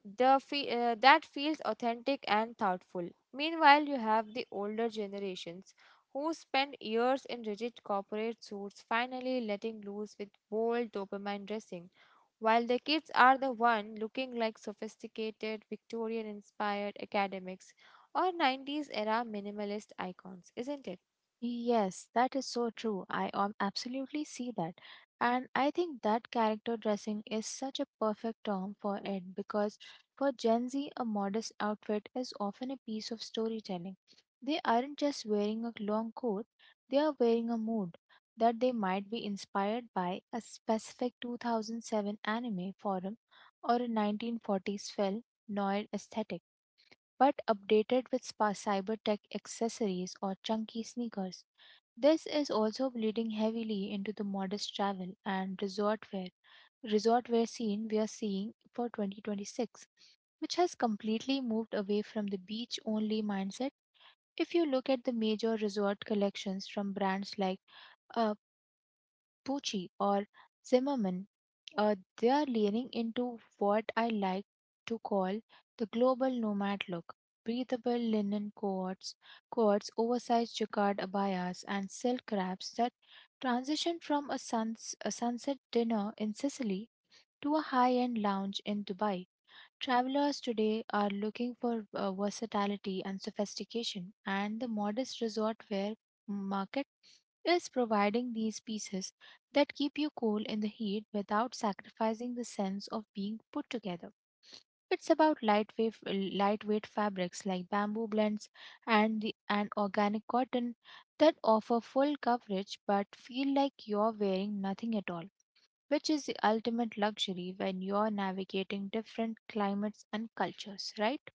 [SPEAKER 1] the fe- uh, that feels authentic and thoughtful. Meanwhile, you have the older generations who spend years in rigid corporate suits, finally letting loose with bold dopamine dressing, while the kids are the one looking like sophisticated Victorian-inspired academics or nineties era minimalist icons, isn't it?
[SPEAKER 2] Yes, that is so true. I um, absolutely see that. And I think that character dressing is such a perfect term for it because for Gen Z, a modest outfit is often a piece of storytelling. They aren't just wearing a long coat, they are wearing a mood that they might be inspired by a specific two thousand seven anime forum or a nineteen forties film noir aesthetic, but updated with spa cyber tech accessories or chunky sneakers. This is also bleeding heavily into the modest travel and resort wear, resort wear scene we are seeing for twenty twenty-six, which has completely moved away from the beach only mindset. If you look at the major resort collections from brands like uh, Pucci or Zimmerman, uh, they are leaning into what I like to call the global nomad look. Breathable linen coats, coats, oversized jacquard abayas, and silk wraps that transition from a, suns- a sunset dinner in Sicily to a high-end lounge in Dubai. Travelers today are looking for uh, versatility and sophistication, and the modest resort wear market is providing these pieces that keep you cool in the heat without sacrificing the sense of being put together. It's about lightweight, lightweight fabrics like bamboo blends and the, and organic cotton that offer full coverage but feel like you're wearing nothing at all, which is the ultimate luxury when you're navigating different climates and cultures, right?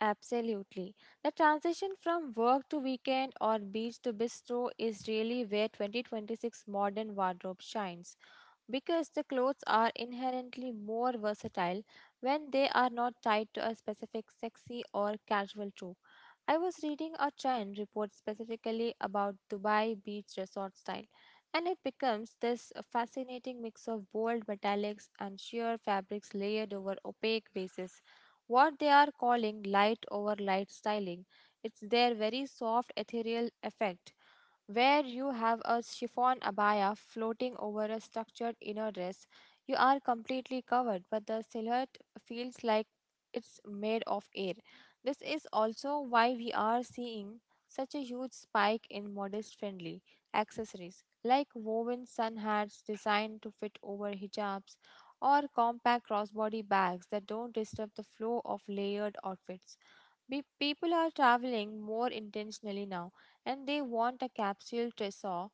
[SPEAKER 1] Absolutely. The transition from work to weekend or beach to bistro is really where twenty twenty-six modern wardrobe shines, because the clothes are inherently more versatile when they are not tied to a specific sexy or casual trope. I was reading a trend report specifically about Dubai beach resort style, and it becomes this fascinating mix of bold metallics and sheer fabrics layered over opaque bases, what they are calling light over light styling. It's their very soft ethereal effect where you have a chiffon abaya floating over a structured inner dress. You are completely covered, but the silhouette feels like it's made of air. This is also why we are seeing such a huge spike in modest friendly accessories like woven sun hats designed to fit over hijabs or compact crossbody bags that don't disturb the flow of layered outfits. Be- people are traveling more intentionally now, and they want a capsule trousseau,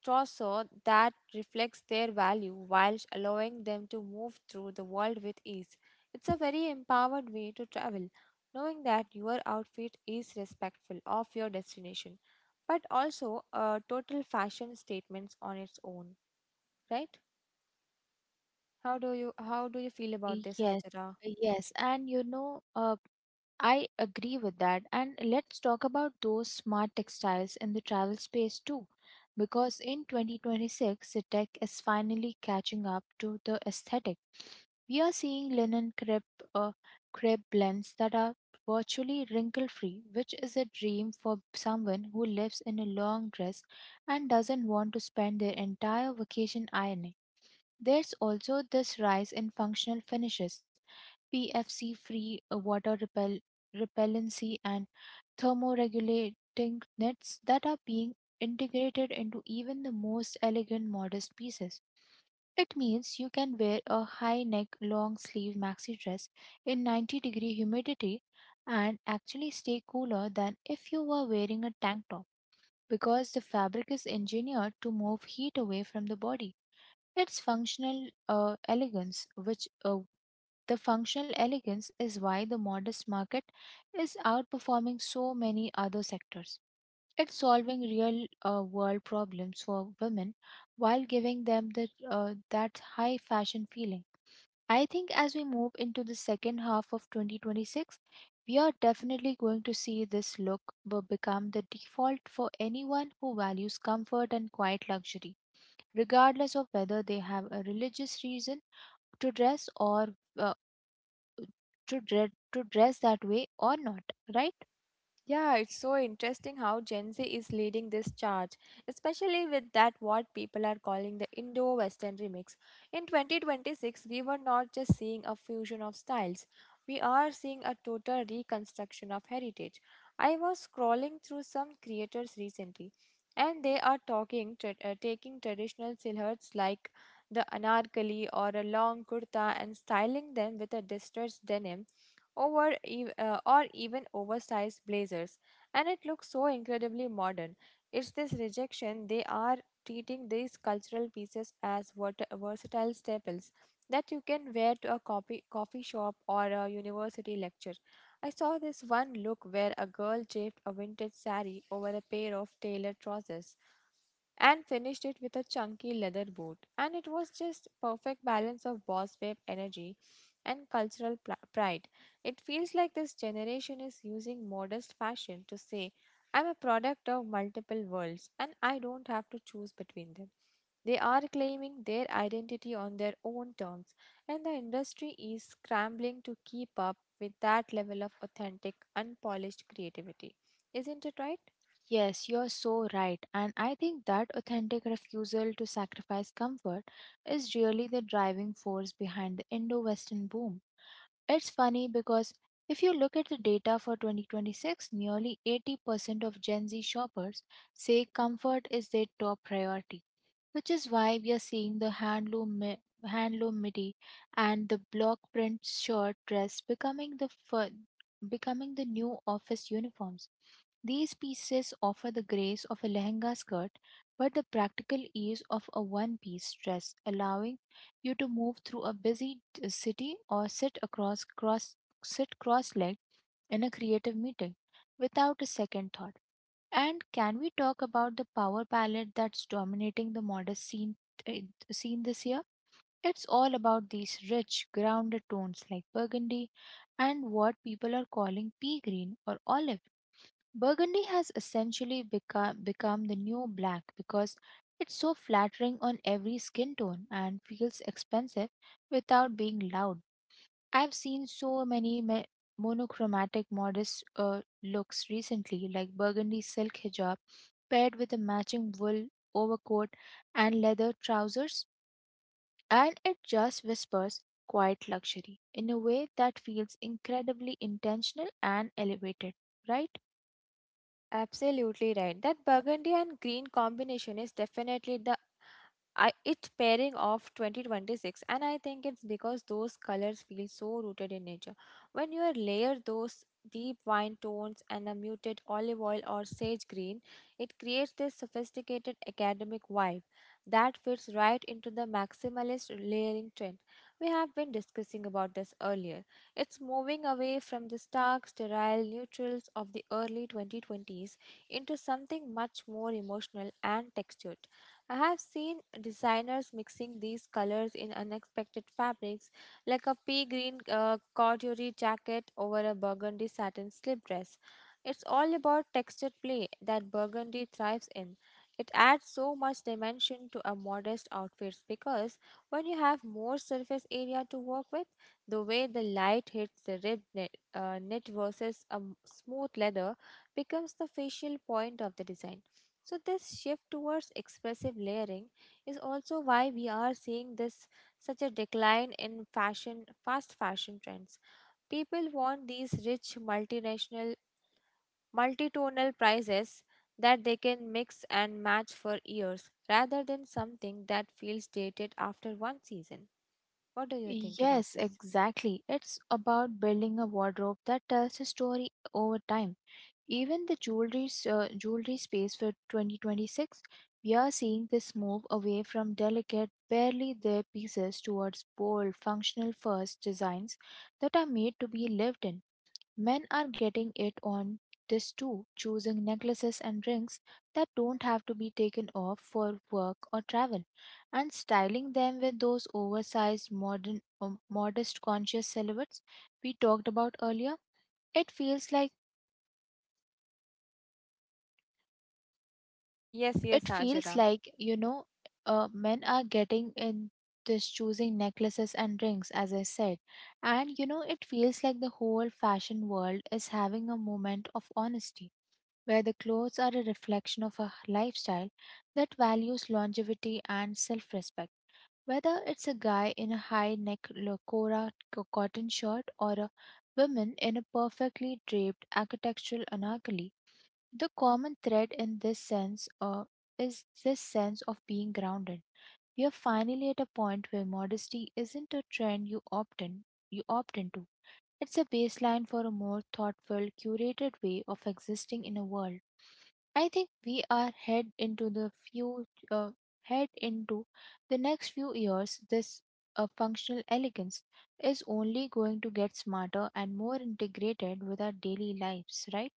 [SPEAKER 1] trousseau that reflects their value whilst allowing them to move through the world with ease. It's a very empowered way to travel, knowing that your outfit is respectful of your destination, but also a total fashion statement on its own, right? How do you how do you feel about this,
[SPEAKER 2] Yes,
[SPEAKER 1] Hajara?
[SPEAKER 2] yes, and you know, uh, I agree with that. And let's talk about those smart textiles in the travel space too, because in twenty twenty-six, the tech is finally catching up to the aesthetic. We are seeing linen crepe, uh, crepe blends that are virtually wrinkle free, which is a dream for someone who lives in a long dress and doesn't want to spend their entire vacation ironing. There's also this rise in functional finishes, P F C free uh, water repel- repellency, and thermoregulating knits that are being integrated into even the most elegant modest pieces. It means you can wear a high neck, long sleeve maxi dress in ninety degree humidity and actually stay cooler than if you were wearing a tank top because the fabric is engineered to move heat away from the body. It's functional uh, elegance, which uh, the functional elegance is why the modest market is outperforming so many other sectors. It's solving real uh, world problems for women while giving them the, uh, that high fashion feeling. I think as we move into the second half of twenty twenty-six, we are definitely going to see this look be- become the default for anyone who values comfort and quiet luxury, regardless of whether they have a religious reason to dress or uh, to, dre- to dress that way or not, right?
[SPEAKER 1] Yeah, it's so interesting how Gen Z is leading this charge, especially with that what people are calling the Indo Western remix. In twenty twenty-six, we were not just seeing a fusion of styles, we are seeing a total reconstruction of heritage. I was scrolling through some creators recently, and they are talking tra- uh, taking traditional silhouettes like the anarkali or a long kurta and styling them with a distressed denim over ev- uh, or even oversized blazers, and it looks so incredibly modern. It's this rejection. They are treating these cultural pieces as vert- versatile staples that you can wear to a coffee coffee shop or a university lecture. I saw this one look where a girl draped a vintage sari over a pair of tailored trousers and finished it with a chunky leather boot. And it was just perfect balance of boss babe energy and cultural pl- pride. It feels like this generation is using modest fashion to say, I'm a product of multiple worlds and I don't have to choose between them. They are claiming their identity on their own terms, and the industry is scrambling to keep up with that level of authentic, unpolished creativity. Isn't it right?
[SPEAKER 2] Yes, you're so right. And I think that authentic refusal to sacrifice comfort is really the driving force behind the Indo Western boom. It's funny because if you look at the data for twenty twenty-six, nearly eighty percent of Gen Z shoppers say comfort is their top priority, which is why we are seeing the handloom mi- handloom midi and the block print shirt dress becoming the fir- becoming the new office uniforms. These pieces offer the grace of a lehenga skirt but the practical ease of a one piece dress, allowing you to move through a busy t- city or sit across cross sit cross legged in a creative meeting without a second thought. And can we talk about the power palette that's dominating the modest scene uh, scene this year? It's all about these rich, grounded tones like burgundy and what people are calling pea green or olive. Burgundy has essentially become become the new black because it's so flattering on every skin tone and feels expensive without being loud. I've seen so many me- monochromatic modest uh, looks recently like burgundy silk hijab paired with a matching wool overcoat and leather trousers, and it just whispers quiet luxury in a way that feels incredibly intentional and elevated, right?
[SPEAKER 1] Absolutely right. That burgundy and green combination is definitely the I, it's pairing of twenty twenty-six, and I think it's because those colors feel so rooted in nature. When you layer those deep wine tones and a muted olive oil or sage green, it creates this sophisticated academic vibe that fits right into the maximalist layering trend. We have been discussing about this earlier. It's moving away from the stark, sterile neutrals of the early twenty twenties into something much more emotional and textured. I have seen designers mixing these colors in unexpected fabrics, like a pea green uh, corduroy jacket over a burgundy satin slip dress. It's all about textured play that burgundy thrives in. It adds so much dimension to a modest outfit, because when you have more surface area to work with, the way the light hits the rib knit, uh, knit versus a m- smooth leather becomes the facial point of the design. So, this shift towards expressive layering is also why we are seeing this such a decline in fashion, fast fashion trends. People want these rich multinational, multitonal prices that they can mix and match for years rather than something that feels dated after one season. What do you think about
[SPEAKER 2] Yes,
[SPEAKER 1] this?
[SPEAKER 2] exactly. It's about building a wardrobe that tells a story over time. Even the jewelry uh, jewelry space for twenty twenty-six, we are seeing this move away from delicate, barely there pieces towards bold, functional first designs that are made to be lived in. Men are getting it on this too, choosing necklaces and rings that don't have to be taken off for work or travel, and styling them with those oversized, modern, um, modest, conscious silhouettes we talked about earlier. It feels like
[SPEAKER 1] Yes,
[SPEAKER 2] it
[SPEAKER 1] yes,
[SPEAKER 2] feels
[SPEAKER 1] Hajira.
[SPEAKER 2] like you know, uh, men are getting in this choosing necklaces and rings, as I said, and you know, it feels like the whole fashion world is having a moment of honesty where the clothes are a reflection of a lifestyle that values longevity and self respect. Whether it's a guy in a high neck locora co- cotton shirt or a woman in a perfectly draped architectural anarchy, the common thread in this sense uh, is this sense of being grounded. We are finally at a point where modesty isn't a trend you opt in, you opt into. It's a baseline for a more thoughtful, curated way of existing in a world. I think we are head into the few uh, head into the next few years. This uh, functional elegance is only going to get smarter and more integrated with our daily lives, right?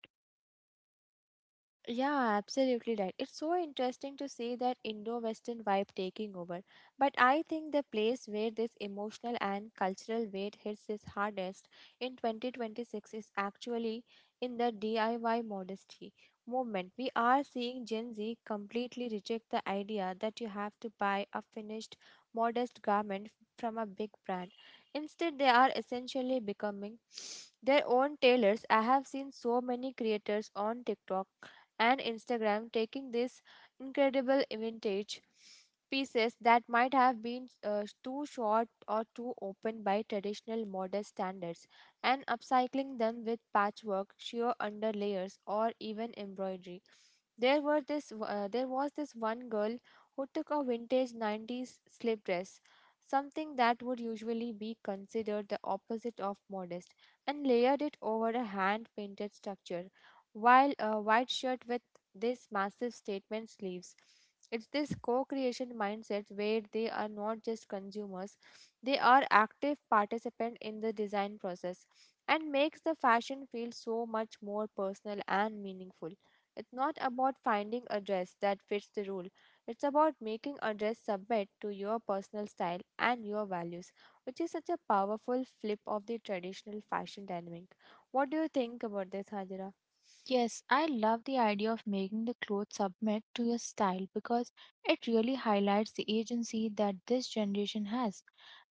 [SPEAKER 1] Yeah, absolutely right. It's so interesting to see that Indo-Western vibe taking over. But I think the place where this emotional and cultural weight hits is hardest in twenty twenty-six is actually in the D I Y modesty movement. We are seeing Gen Z completely reject the idea that you have to buy a finished, modest garment from a big brand. Instead, they are essentially becoming their own tailors. I have seen so many creators on TikTok and Instagram taking this incredible vintage pieces that might have been uh, too short or too open by traditional modest standards, and upcycling them with patchwork, sheer underlayers, or even embroidery. There were this uh, there was this one girl who took a vintage nineties slip dress, something that would usually be considered the opposite of modest, and layered it over a hand painted structure while a white shirt with this massive statement sleeves. It's this co creation mindset where they are not just consumers, they are active participants in the design process, and makes the fashion feel so much more personal and meaningful. It's not about finding a dress that fits the rule, it's about making a dress submit to your personal style and your values, which is such a powerful flip of the traditional fashion dynamic. What do you think about this, Hajira?
[SPEAKER 2] Yes, I love the idea of making the clothes submit to your style because it really highlights the agency that this generation has.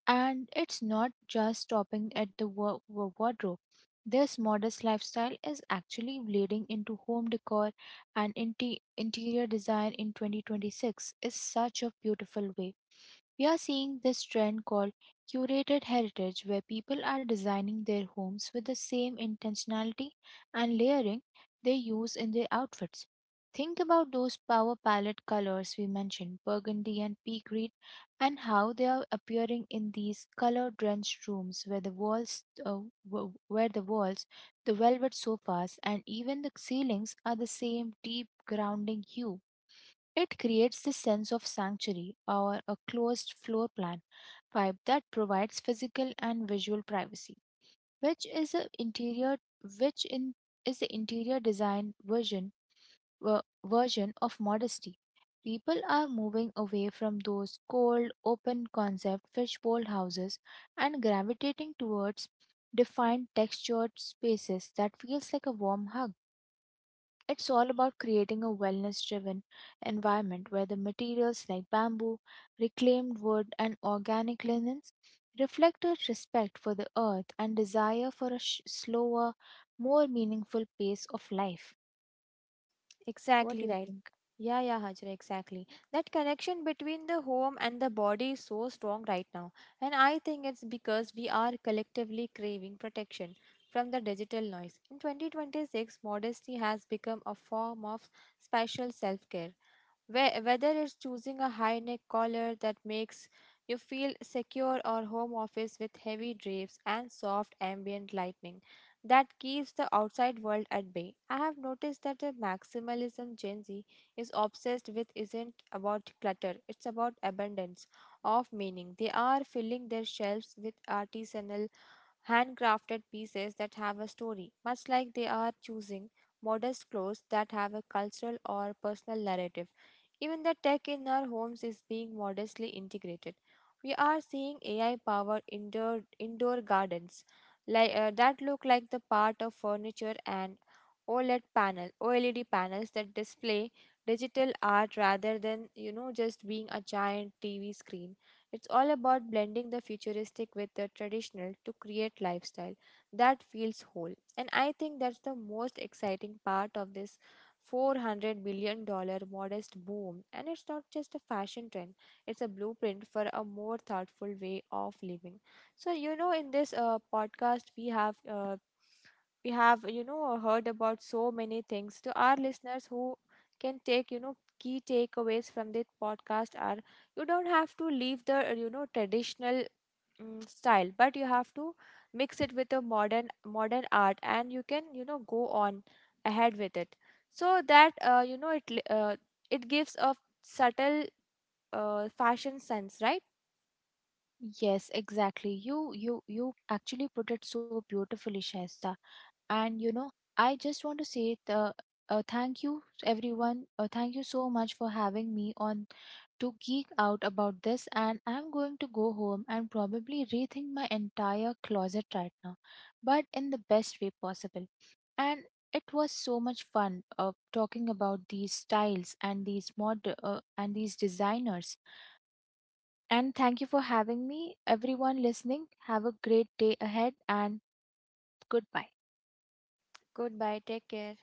[SPEAKER 2] And it's not just stopping at the wo- wo- wardrobe. This modest lifestyle is actually bleeding into home decor and inte- interior design in twenty twenty-six is such a beautiful way. We are seeing this trend called curated heritage, where people are designing their homes with the same intentionality and layering they use in their outfits. Think about those power palette colors we mentioned, burgundy and pea green, and how they are appearing in these color-drenched rooms where the walls, uh, w- where the walls, the velvet sofas, and even the ceilings are the same deep grounding hue. It creates this sense of sanctuary or a closed floor plan pipe that provides physical and visual privacy, which is a interior which in is the interior design version ver- version of modesty. People are moving away from those cold, open concept fishbowl houses and gravitating towards defined textured spaces that feels like a warm hug. It's all about creating a wellness driven environment where the materials like bamboo, reclaimed wood, and organic linens reflect a respect for the earth and desire for a sh- slower, more meaningful pace of life. What
[SPEAKER 1] Exactly
[SPEAKER 2] do you
[SPEAKER 1] right.
[SPEAKER 2] think?
[SPEAKER 1] Yeah, yeah, Hajra, exactly. That connection between the home and the body is so strong right now. And I think it's because we are collectively craving protection from the digital noise. In twenty twenty-six, modesty has become a form of special self care. Whe- Whether it's choosing a high neck collar that makes you feel secure, or home office with heavy drapes and soft ambient lighting, that keeps the outside world at bay. I have noticed that the maximalism Gen Z is obsessed with isn't about clutter, it's about abundance of meaning. They are filling their shelves with artisanal handcrafted pieces that have a story, much like they are choosing modest clothes that have a cultural or personal narrative. Even the tech in our homes is being modestly integrated. We are seeing A I powered indoor, indoor gardens like, uh, that look like the part of furniture, and O L E D panel, O L E D panels that display digital art rather than, you know, just being a giant T V screen. It's all about blending the futuristic with the traditional to create lifestyle that feels whole. And I think that's the most exciting part of this four hundred billion dollar modest boom. And it's not just a fashion trend, it's a blueprint for a more thoughtful way of living. So, you know, in this uh, podcast we have uh, we have you know heard about so many things. To our listeners who can take, you know, key takeaways from this podcast are, you don't have to leave the uh, you know traditional mm style, but you have to mix it with a modern modern art, and you can, you know, go on ahead with it. So that uh, you know it li- uh, it gives a subtle uh, fashion sense, right?
[SPEAKER 2] Yes, exactly. You you you actually put it so beautifully, Shaista. And you know, I just want to say the uh, uh, thank you everyone, uh, thank you so much for having me on to geek out about this, and I'm going to go home and probably rethink my entire closet right now, but in the best way possible. And it was so much fun uh, talking about these styles and these mod uh, and these designers. And thank you for having me. Everyone listening, have a great day ahead, and goodbye.
[SPEAKER 1] Goodbye, take care.